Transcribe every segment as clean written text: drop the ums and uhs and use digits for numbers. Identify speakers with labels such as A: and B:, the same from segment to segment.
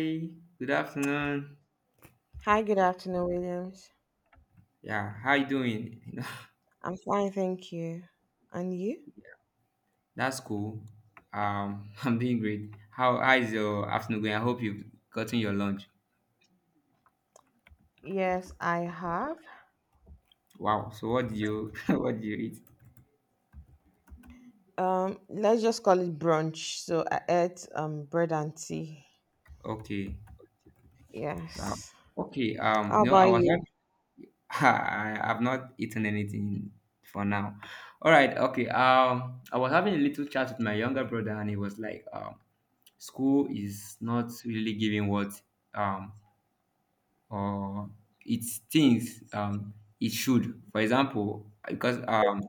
A: Hey, good afternoon.
B: Hi, good afternoon, Williams.
A: Yeah, how you doing?
B: I'm fine, thank you. And you?
A: That's cool. I'm doing great. How is your afternoon going? I hope you've gotten your lunch.
B: Yes, I have.
A: Wow. So what did you what did you eat?
B: Let's just call it brunch. So I ate bread and tea.
A: Okay. Wow.
B: Yes.
A: Okay.
B: How
A: No, I
B: about
A: was not.
B: you?
A: I have not eaten anything for now. All right. Okay. I was having a little chat with my younger brother, and he was like, school is not really giving what um or it thinks it should. For example, because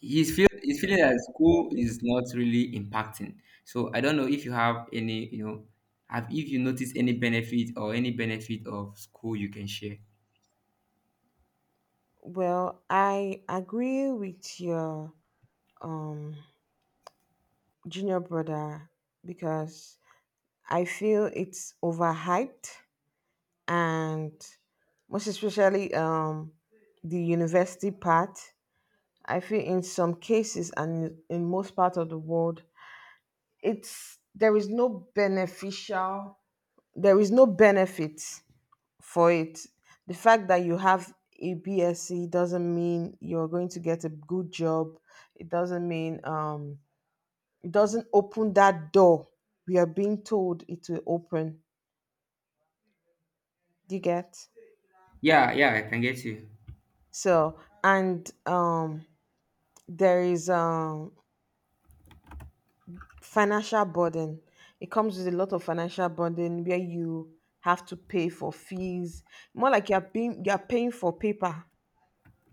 A: he's feeling that school is not really impacting. So I don't know if you have any, have if you notice any benefit or any benefit of school you can share.
B: Well, I agree with your um junior brother, because I feel it's overhyped, and most especially the university part. I feel in some cases, and in most parts of the world, it's there is no beneficial, there is no benefit for it. The fact that you have a BSc doesn't mean you're going to get a good job. It doesn't mean um, it doesn't open that door. We are being told it will open. Do you get?
A: Yeah, yeah, I can get you.
B: So, and there is financial burden, it comes with a lot of financial burden where you have to pay for fees, more like you're paying for paper.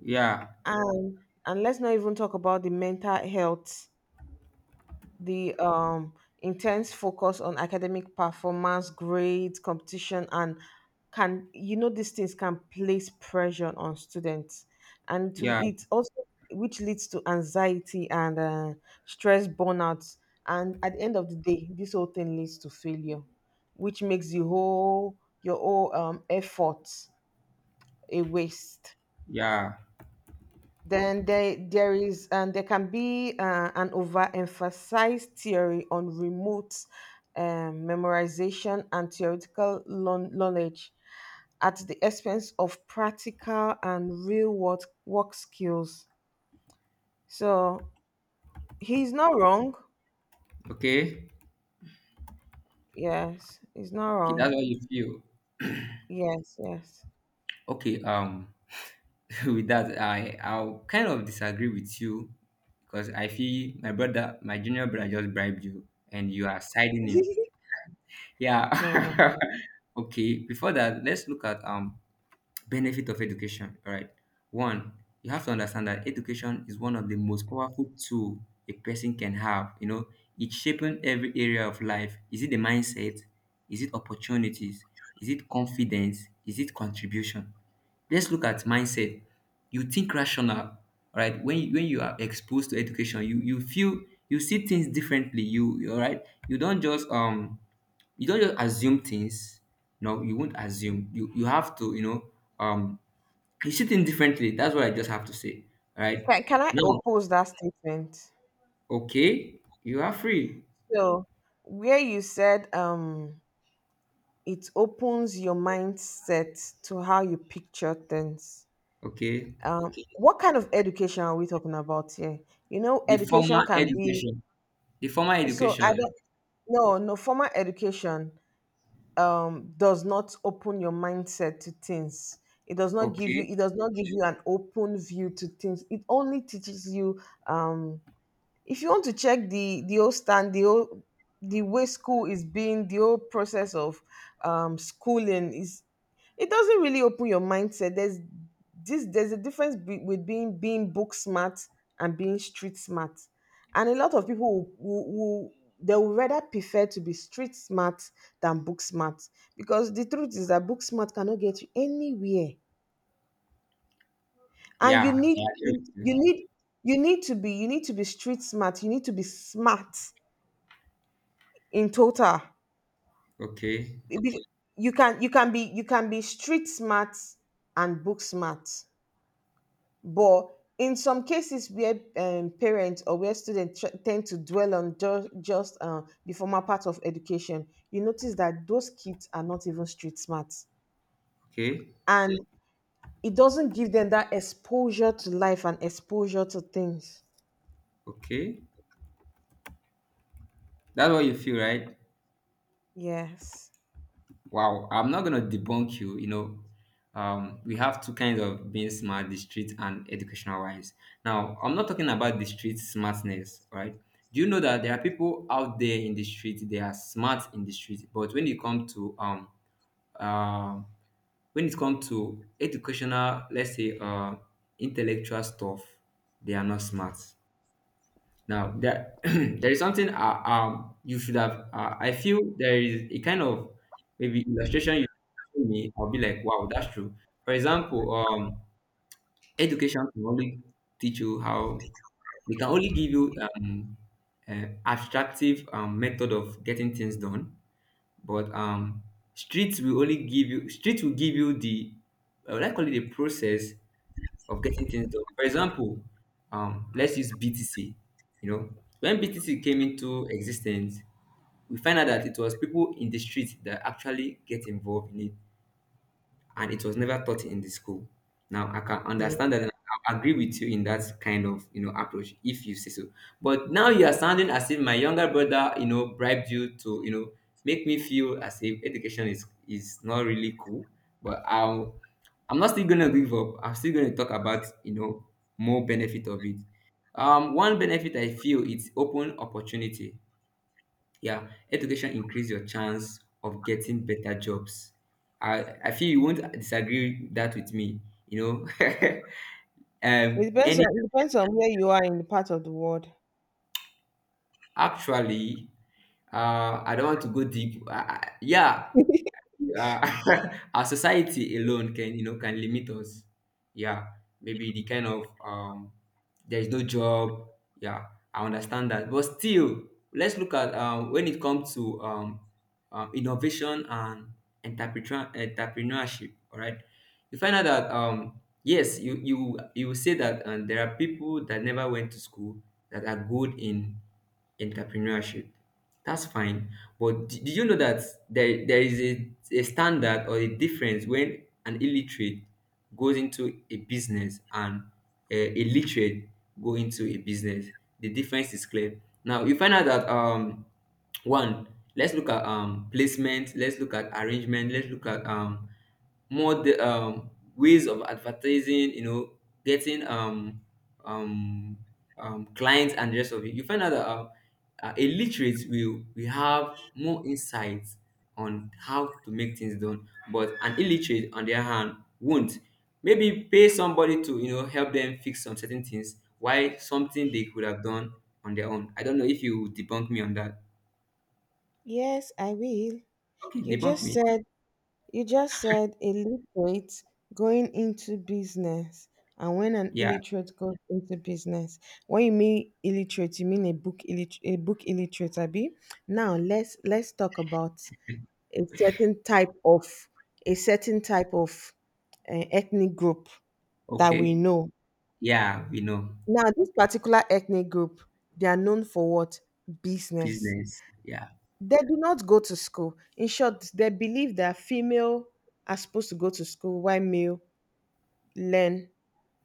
A: Yeah,
B: And and let's not even talk about the mental health, the intense focus on academic performance, grades, competition, and can you know these things can place pressure on students, and to
A: yeah,
B: it also, which leads to anxiety and stress burnout. And at the end of the day, this whole thing leads to failure, which makes the whole your whole effort a waste.
A: yeah.
B: Then they, there is, and there can be an overemphasized theory on remote memorization and theoretical knowledge at the expense of practical and real world work skills. So he's not wrong.
A: Okay,
B: Yes, he's not
A: okay, that's
B: wrong.
A: what you feel.
B: Yes, yes.
A: Okay. With that, I'll kind of disagree with you because I feel my junior brother just bribed you and you are siding him.
B: No, no.
A: Yeah. Okay, before that, let's look at benefit of education, all right? One, you have to understand that education is one of the most powerful tool a person can have. It's shaping every area of life. Is it the mindset? Is it opportunities? Is it confidence? Is it contribution? Let's look at mindset. You think rational, right? When you are exposed to education, you feel, you see things differently. You all right, you don't just, you don't just assume things. No, you won't assume. You have to, um, you see things differently. That's what I just have to say. All right.
B: Can I
A: Now,
B: oppose that statement?
A: okay, you are free.
B: So where you said it opens your mindset to how you picture things.
A: Okay.
B: Um, what kind of education are we talking about here? You know,
A: The
B: education
A: formal
B: can be,
A: education. The formal
B: so I
A: education.
B: don't no, no, formal education does not open your mindset to things.
A: Okay.
B: It does not give you an open view to things. It only teaches you um if you want to check the whole stand, the whole, the way school is being, the whole process of schooling, is it doesn't really open your mindset. There's this there's a difference, with being book smart and being street smart, and a lot of people will, they would rather prefer to be street smart than book smart, because the truth is that book smart cannot get you anywhere. And
A: Yeah, I agree with you.
B: you need to be street smart, you need to be smart in total.
A: Okay.
B: It be- you can be street smart and book smart, but in some cases where parents, or where students tend to dwell on just the formal part of education, you notice that those kids are not even street smart,
A: Okay.
B: and it doesn't give them that exposure to life and exposure to things.
A: Okay. That's what you feel, right?
B: Yes.
A: Wow, I'm not gonna debunk you. We have two kinds of being smart: the street and educational wise. Now, I'm not talking about the street smartness, right? Do you know that there are people out there in the street? They are smart in the street, but when it comes uh, to educational, let's say, intellectual stuff, they are not smart. Now there, there is something you should have. I feel there is a kind of maybe illustration you give me. I'll be like, wow, that's true. For example, education can only teach you how they can only give you abstractive method of getting things done, but streets will give you the, I would like call it a process of getting things done. For example, let's use BTC. You know, when BTC came into existence, we find out that it was people in the street that actually get involved in it and it was never taught in the school. Now I can
B: Yeah.
A: understand that and I agree with you in that kind of approach, if you say so. But now you are sounding as if my younger brother, bribed you to, make me feel as if education is not really cool. But I'm not still gonna give up. I'm still gonna talk about, more benefit of it. One benefit I feel is open opportunity. Yeah, education increase your chance of getting better jobs. I feel you won't disagree that with me, you know. Any
B: It depends on where you are in the part of the world.
A: actually, I don't want to go deep. Yeah. Yeah. Our society alone can you know can limit us. Yeah. Maybe the kind of there is no job. Yeah. I understand that, but still, let's look at when it comes to innovation and entrepreneurship, all right? You find out that yes, you will say that there are people that never went to school that are good in entrepreneurship. That's fine. But did you know that there is a standard or a difference when an illiterate goes into a business and a literate go into a business? The difference is clear. Now you find out that one, let's look at placement, let's look at arrangement, let's look at more the ways of advertising, getting um clients and the rest of it. You find out that a literate will have more insights on how to make things done, but an illiterate, on the other hand, won't. Maybe pay somebody to help them fix some certain things. Why something they could have done on their own? I don't know if you debunk me on that.
B: Yes, I will.
A: Okay,
B: You
A: debunk
B: just
A: me.
B: said You just said illiterate going into business. And when an
A: Yeah.
B: illiterate goes into business, when you mean illiterate, you mean a book illiterate, Abi. Now let's talk about a certain type of a certain type of ethnic group that we
A: Okay.
B: know.
A: Yeah, we know
B: Now this particular ethnic group, they are known for what? Business.
A: business. Yeah.
B: They do not go to school. In short, they believe that female are supposed to go to school while male learn,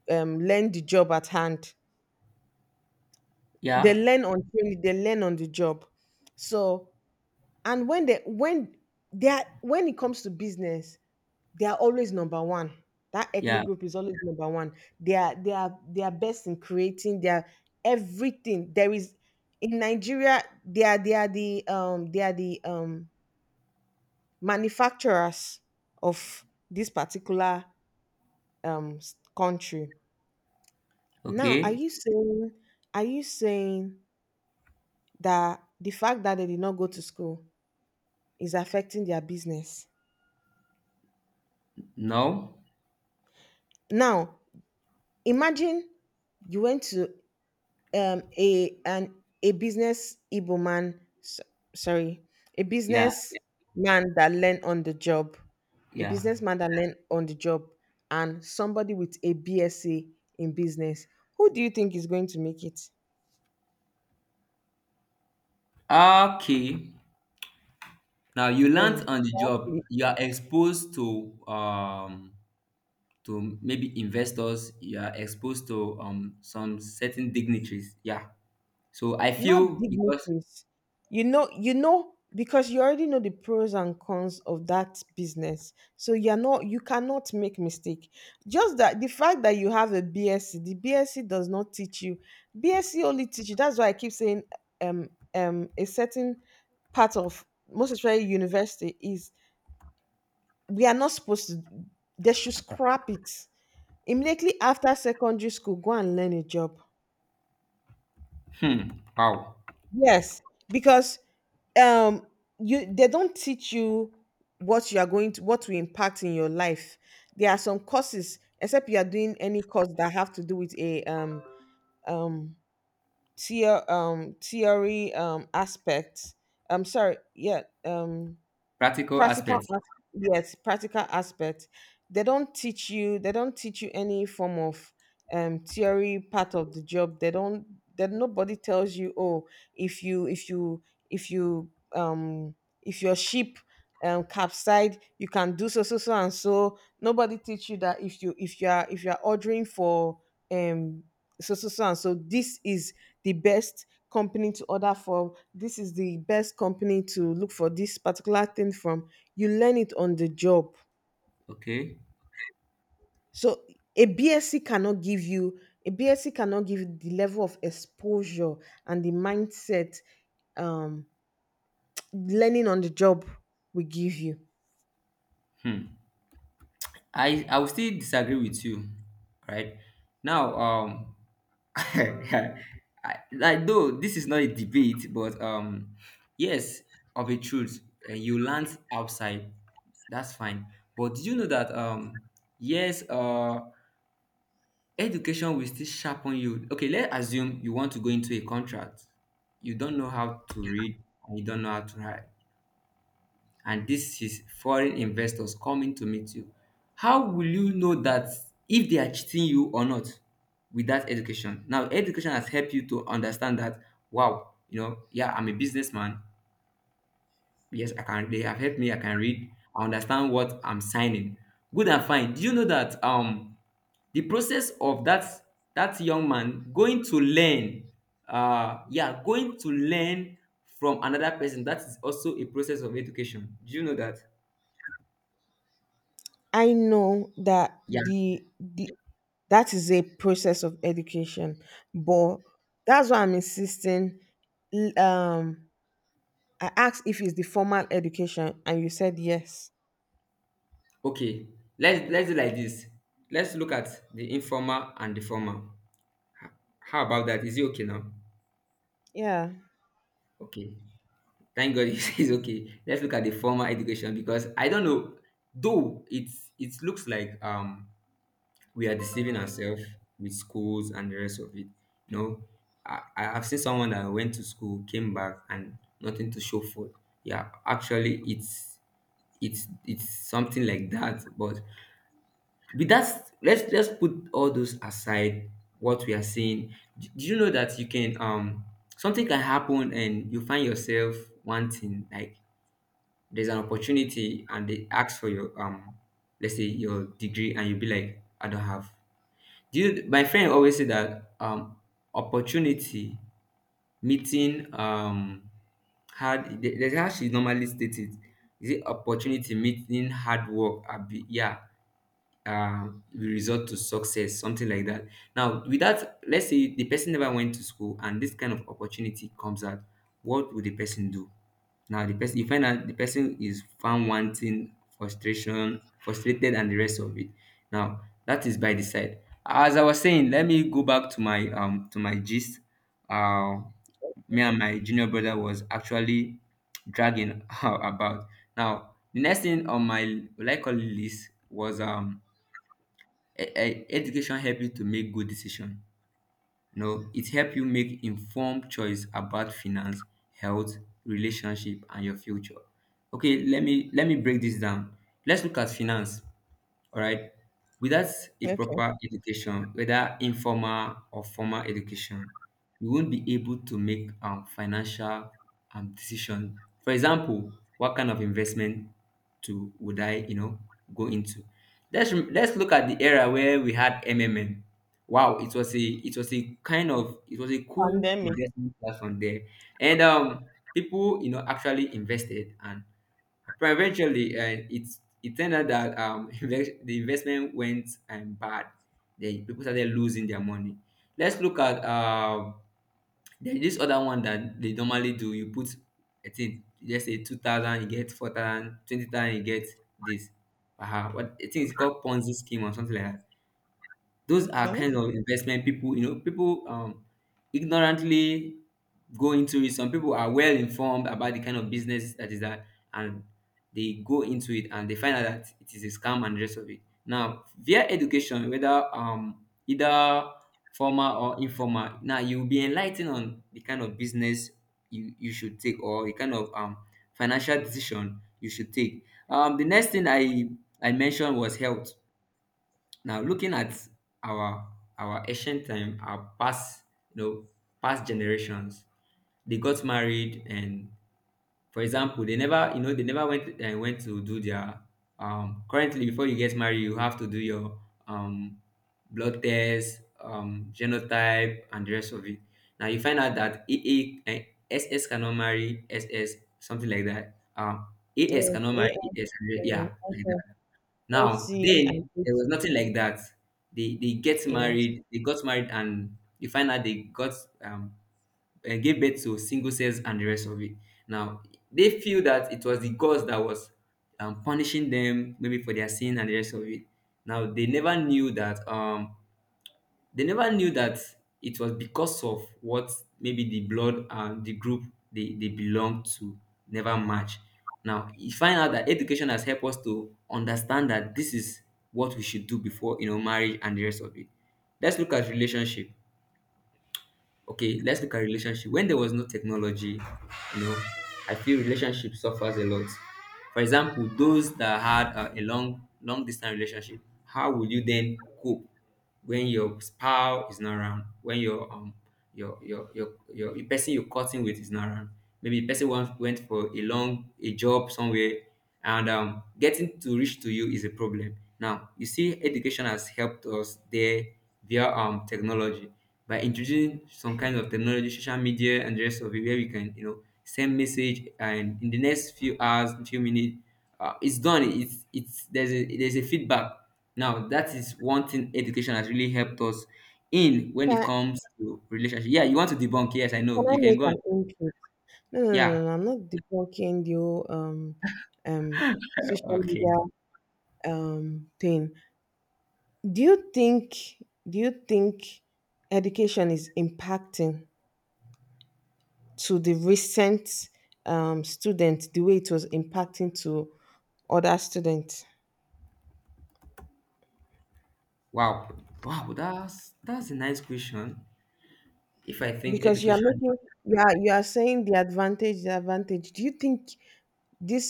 B: learn the job at hand. They
A: Yeah.
B: learn on training, they learn on the job. So, and when they are when it comes to business, they are always number one. That
A: Yeah.
B: ethnic group is always number one. They are best in creating their... everything there is. In Nigeria, they are, they are the manufacturers of this particular, country. Now,
A: Okay.
B: are you saying that the fact that they did not go to school is affecting their business.
A: No.
B: Now, imagine you went to um, a an a business Igbo man, s- sorry, a
A: Yeah.
B: business
A: Yeah.
B: man that learned on the job, a
A: Yeah.
B: businessman that learned on the job, and somebody with a BSc in business. Who do you think is going to make it?
A: Okay. Now you
B: Eh.
A: learnt on the job,
B: Exactly.
A: you are exposed to maybe investors, you are exposed to some certain dignitaries. Yeah. So I
B: Not
A: feel because,
B: dignitaries. You know, because you already know the pros and cons of that business. So you cannot make mistake. Just that the fact that you have a BSc, the BSc does not teach you. BSc only teach you. That's why I keep saying a certain part of, most especially, university is, we are not supposed to they should scrap it. Immediately after secondary school, go and learn a job.
A: hmm. Wow.
B: Yes, because um you they don't teach you what you are going to what will impact in your life. There are some courses, except you are doing any course that have to do with a um theory aspect. I'm sorry. Yeah.
A: Practical
B: Practical
A: aspects.
B: as- yes, practical aspect. They don't teach you any form of theory part of the job. They don't that nobody tells you, oh, if you if you if you, um if your ship capsized, you can do so so so and so. Nobody teach you that if you are, ordering for um so so so and so, this is the best company to order for. This is the best company to look for this particular thing from. You learn it on the job.
A: Okay.
B: So a BSc cannot give you a BSc cannot give you the level of exposure and the mindset um, learning on the job will give you.
A: Hmm. I will still disagree with you, right? Now, I, like, though this is not a debate, but yes, of a truth, you land outside, that's fine. But did you know that yes, education will still sharpen you. Okay, let's assume you want to go into a contract. You don't know how to read and you don't know how to write, and this is foreign investors coming to meet you. How will you know that if they are cheating you or not with that education? Now, education has helped you to understand that, wow, yeah, I'm a businessman. Yes, I can. They have helped me. I can read. I understand what I'm signing. Good and fine. Do you know that the process of that young man going to learn from another person, that is also a process of education. Do you know that?
B: I know that
A: Yeah.
B: the that is a process of education, but that's why I'm insisting. l- Um, I asked if it's the formal education, and you said yes.
A: Okay, let's do like this. Let's look at the informal and the formal. H- How about that? Is it okay now?
B: Yeah.
A: Okay. Thank God it's okay. Let's look at the formal education because I don't know. Though it's, it looks like we are deceiving ourselves with schools and the rest of it. You know, I have seen someone that went to school, came back, and nothing to show for. It. Yeah, actually, it's something like that. But that's let's put all those aside. What we are saying, do you know that you can something can happen and you find yourself wanting, like, there's an opportunity and they ask for your let's say your degree and you be like, I don't have. Do you, my friend always say that opportunity meeting hard, that's how she normally stated, is it opportunity meeting hard work? Abi, yeah, will result to success, something like that. Now with that, let's say the person never went to school and this kind of opportunity comes out, what would the person do? Now, the person, you find out the person is found wanting, frustration frustrated, and the rest of it. Now, that is by the side. As I was saying, let me go back to my, to my gist. uh Me and my junior brother was actually dragging about, now, the next thing on my likely list was education help you to make good decision. It help you make informed choice about finance, health, relationship, and your future. Okay, let me break this down. Let's look at finance. All right, without a
B: Okay.
A: proper education, whether informal or formal education, you won't be able to make financial decision. For example, what kind of investment to would I go into? Let's look at the era where we had wow, it was a, it was a cool
B: Pandemic.
A: investment platform there. And people, actually invested, and but eventually, it turned out that the investment went bad. They People started losing their money. Let's look at there is this other one that they normally do. You put, I think, let's say 2,000, you get 4,000, 20,000, you get this. Uh-huh. What I think it's called Ponzi scheme or something like that. Those are
B: Okay.
A: kind of investment people, you know, people ignorantly go into it. Some people are well informed about the kind of business that is that, and they go into it and they find out that it is a scam and the rest of it. Now, via education, whether either formal or informal, now you'll be enlightened on the kind of business you should take or the kind of financial decision you should take. The next thing I mentioned was health. Now, looking at our our ancient time, our past, you know, past generations, they got married, and for example, they never, they never went went to do their Currently, before you get married, you have to do your um blood test, genotype, and the rest of it. Now you find out that AA, SS cannot marry SS, something like that. AS
B: Yes.
A: cannot marry AS,
B: AI.
A: yeah, like
B: Okay.
A: now,
B: See, and
A: then there
B: this,
A: was nothing like that. They get
B: yeah.
A: married, they got married, and you find out they got um gave birth to single cells and the rest of it. Now they feel that it was the gods that was punishing them maybe for their sin and the rest of it. Now they never knew that it was because of what, maybe the blood and the group they belong to never match. Now you find out that education has helped us to understand that this is what we should do before marriage and the rest of it. Let's look at relationship. Okay, let's look at relationship when there was no technology. you know I feel relationship suffers a lot. For example, those that had a long distance relationship, how will you then cope when your spouse is not around, when your the person you're cutting with is not around, maybe the person went for a long a job somewhere, and getting to reach to you is a problem. Now, you see, education has helped us there via technology, by introducing some kind of technology, social media, and the rest of it, where we can, you know, send message and in the next few hours, few minutes, it's done. It's There's a feedback. Now, that is one thing education has really helped us in when it
B: Can,
A: comes to relationship. Yeah, you want to debunk? Yes, I know.
B: can I
A: You can
B: make
A: go on.
B: an input? No, no, no, no,
A: Yeah.
B: no. I'm not debunking you, um social
A: Okay.
B: media thing. Do you think do you think education is impacting to the recent student the way it was impacting to other students?
A: Wow, wow, that's a nice question. If I think
B: Because you are
A: education,
B: making, you are saying the advantage, the advantage. Do you think... This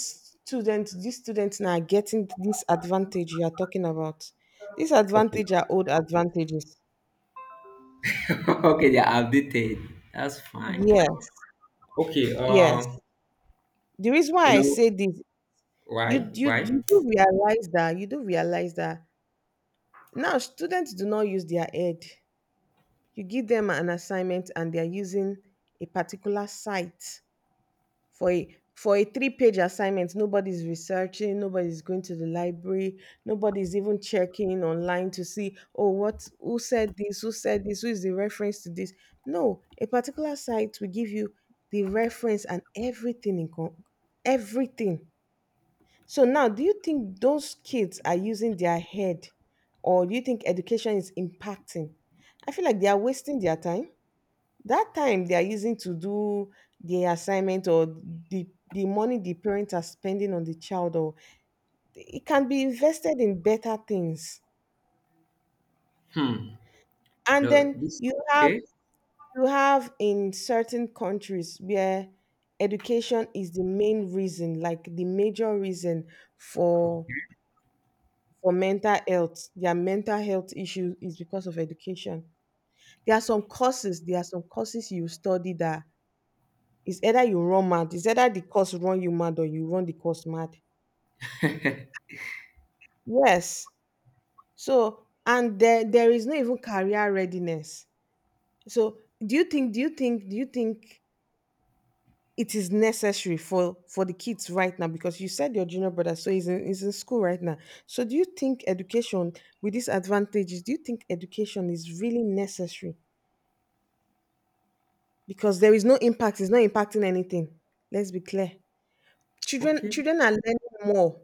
B: student, these students now, are getting this advantage you are talking about. This
A: okay,
B: advantage are old advantages.
A: okay, they are updated. That's fine.
B: Yes,
A: Okay,
B: yes. The reason
A: you
B: why I
A: know
B: say this,
A: why? Why?
B: you do realize that, now students do not use their head. You give them an assignment and they are using a particular site for a, three-page assignment. Nobody's researching, nobody's going to the library, nobody's even checking online to see, oh, what, who said this, who is the reference to this. No, a particular site will give you the reference and everything in everything. So now, do you think those kids are using their head, or do you think education is impacting? I feel like they are wasting their time. That time they are using to do the assignment, or the money the parents are spending on the child, or... it can be invested in better things.
A: Hmm.
B: And
A: No,
B: then
A: this
B: you have,
A: okay,
B: you have in certain countries where education is the main reason, like the major reason,
A: o-
B: for for mental health. Their mental health issue is because of education. There are some courses, there are some courses you study that... It's either you run mad, it's either the cause run you mad or you run the cause mad. Yes. So, and there is no even career readiness. So, do you think it is necessary for the kids right now, because you said your junior brother, so he's in school right now. So do you think education, with these advantages, do you think education is really necessary, because there is no impact, it's not impacting anything. Let's be clear.
A: okay,
B: Children are learning more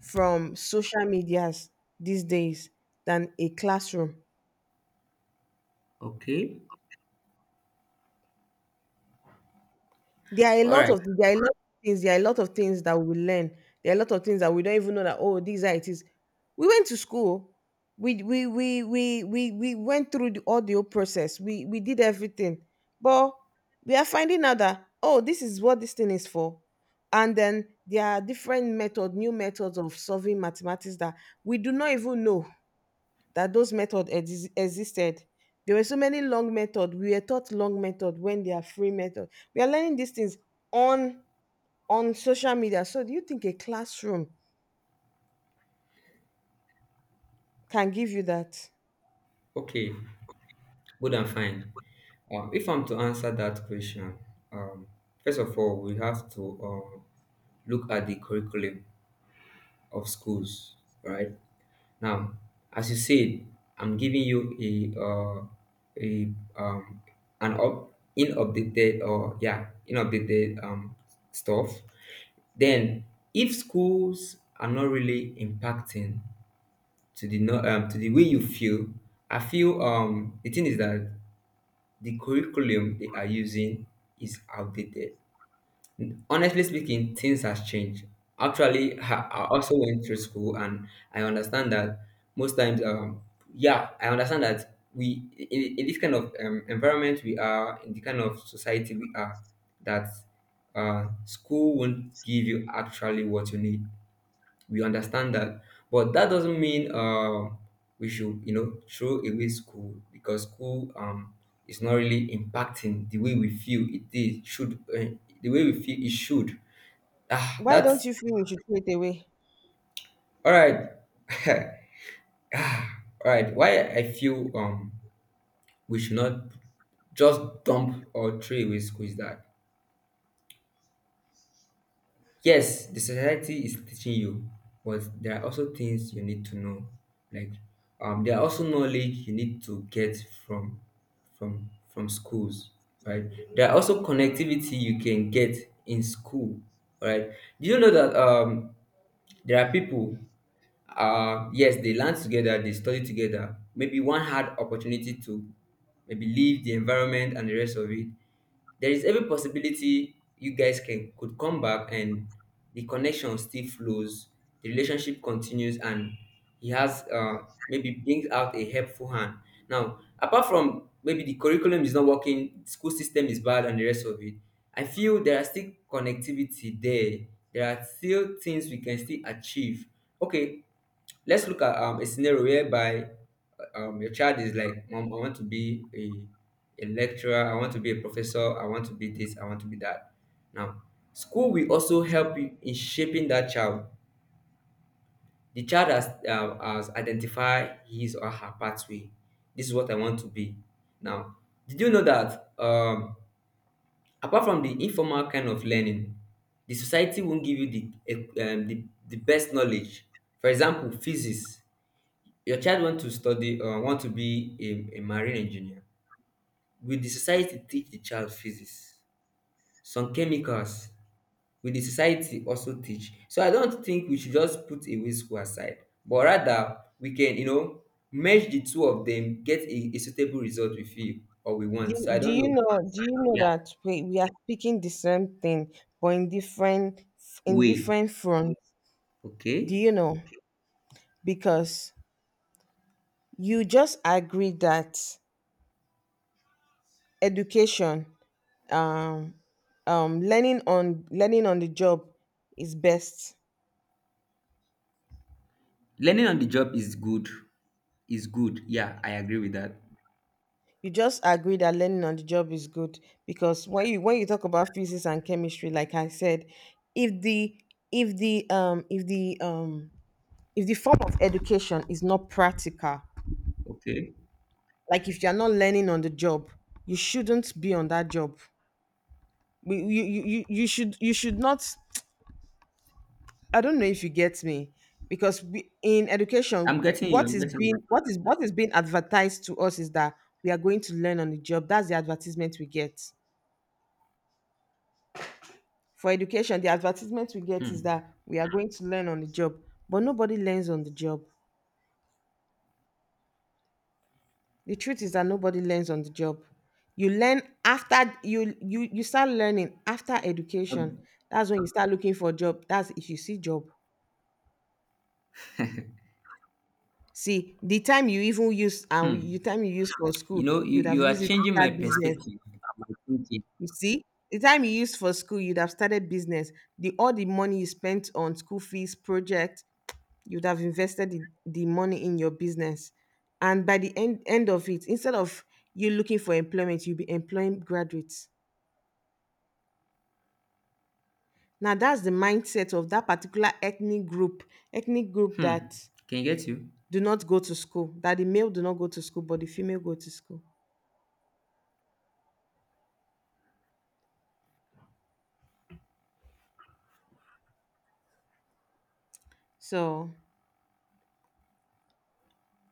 B: from social medias these days than a classroom.
A: okay.
B: There are a
A: All
B: lot
A: right,
B: of, there are a lot of things that we learn. There are a lot of things that we don't even know that, oh, these are it is. We went to school, we went through the audio process, we did everything. But we are finding out that, oh, this is what this thing is for. And then there are different method, new methods of solving mathematics that we do not even know that those methods existed. There were so many long method. We were taught long method when they are free method. We are learning these things on on social media. So do you think a classroom can give you that?
A: okay, good and fine. If I'm to answer that question, um, first of all, we have to look at the curriculum of schools, right? Now, as you said, I'm giving you a uh, a um an up in updated or yeah in updated stuff. Then, if schools are not really impacting to the no, to the way you feel, I feel the thing is that the curriculum they are using is outdated. Honestly speaking, things has changed. Actually, I also went through school, and I understand that most times, yeah, I understand that we in this kind of environment we are, in the kind of society we are, that school won't give you actually what you need. We understand that, but that doesn't mean we should, you know, throw away school because school is not really impacting the way we feel it is should the way we feel it should. Ah,
B: Why don't
A: that's
B: you feel we should throw it away?
A: all right. All right. Why I feel we should not just dump or throw away school is that yes, the society is teaching you, but there are also things you need to know. Like there are also knowledge you need to get from from schools, right? There are also connectivity you can get in school, right? Do you know that there are people. Uh, yes, they learn together, they study together, maybe one had opportunity to maybe leave the environment and the rest of it. There is every possibility you guys can could come back and the connection still flows, the relationship continues, and he has maybe brings out a helpful hand. Now apart from maybe the curriculum is not working, school system is bad and the rest of it, I feel there are still connectivity there, there are still things we can still achieve. Okay, let's look at a scenario whereby your child is like, Mom, I want to be a lecturer, I want to be a professor, I want to be this, I want to be that. Now, school will also help you in shaping that child. The child has identified his or her pathway. This is what I want to be. Now, did you know that apart from the informal kind of learning, the society won't give you the, the best knowledge? For example, physics, your child want to study or want to be a marine engineer, will the society teach the child physics, some chemicals, will the society also teach? So I don't think we should just put away school aside, but rather we can, you know, merge the two of them, get a suitable result we feel or we want. So I don't know.
B: Do you know
A: Yeah,
B: that, we are speaking the same thing but in different, in
A: way.
B: different fronts? Do
A: Okay,
B: you know? Because you just agreed that education, um learning on, learning on the job is best.
A: learning on the job is good, is good, yeah, I agree with that.
B: You just agree that learning on the job is good, because when you, when you talk about physics and chemistry, like I said, if the, if the if the if the form of education is not practical,
A: Okay,
B: like if you're not learning on the job, you shouldn't be on that job. You, you, you, you should, you should not... I don't know if you get me. Because we, in
A: I'm
B: education,
A: getting you,
B: what
A: i'm
B: is
A: getting
B: being,
A: you
B: what is, what is being advertised to us is that we are going to learn on the job. That's the advertisement we get for education. The advertisement we get is
A: Hmm.
B: that we are going to learn on the job, but nobody learns on the job. The truth is that nobody learns on the job. You learn after you, start learning after education.
A: Um,
B: That's when you start looking for a job, that's if you see job. See, the time you even use, and
A: hmm.
B: the time you use for
A: You
B: school,
A: know,
B: you'd have
A: you are
B: used it to
A: changing my
B: start business.
A: perspective and my thinking.
B: You see, the time you used for school, you'd have started business. The all the money you spent on school fees, project, you'd have invested the money in your business. And by the end of it, instead of you looking for employment, you'll be employing graduates. Now that's the mindset of that particular ethnic group
A: Hmm.
B: that
A: Can you get you?
B: do not go to school, that the male do not go to school, but the female go to school. So,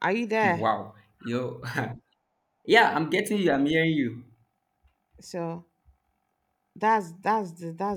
B: are you
A: Hmm,
B: there?
A: wow. You know, yeah, I'm getting you. I'm hearing you.
B: So that's the, that's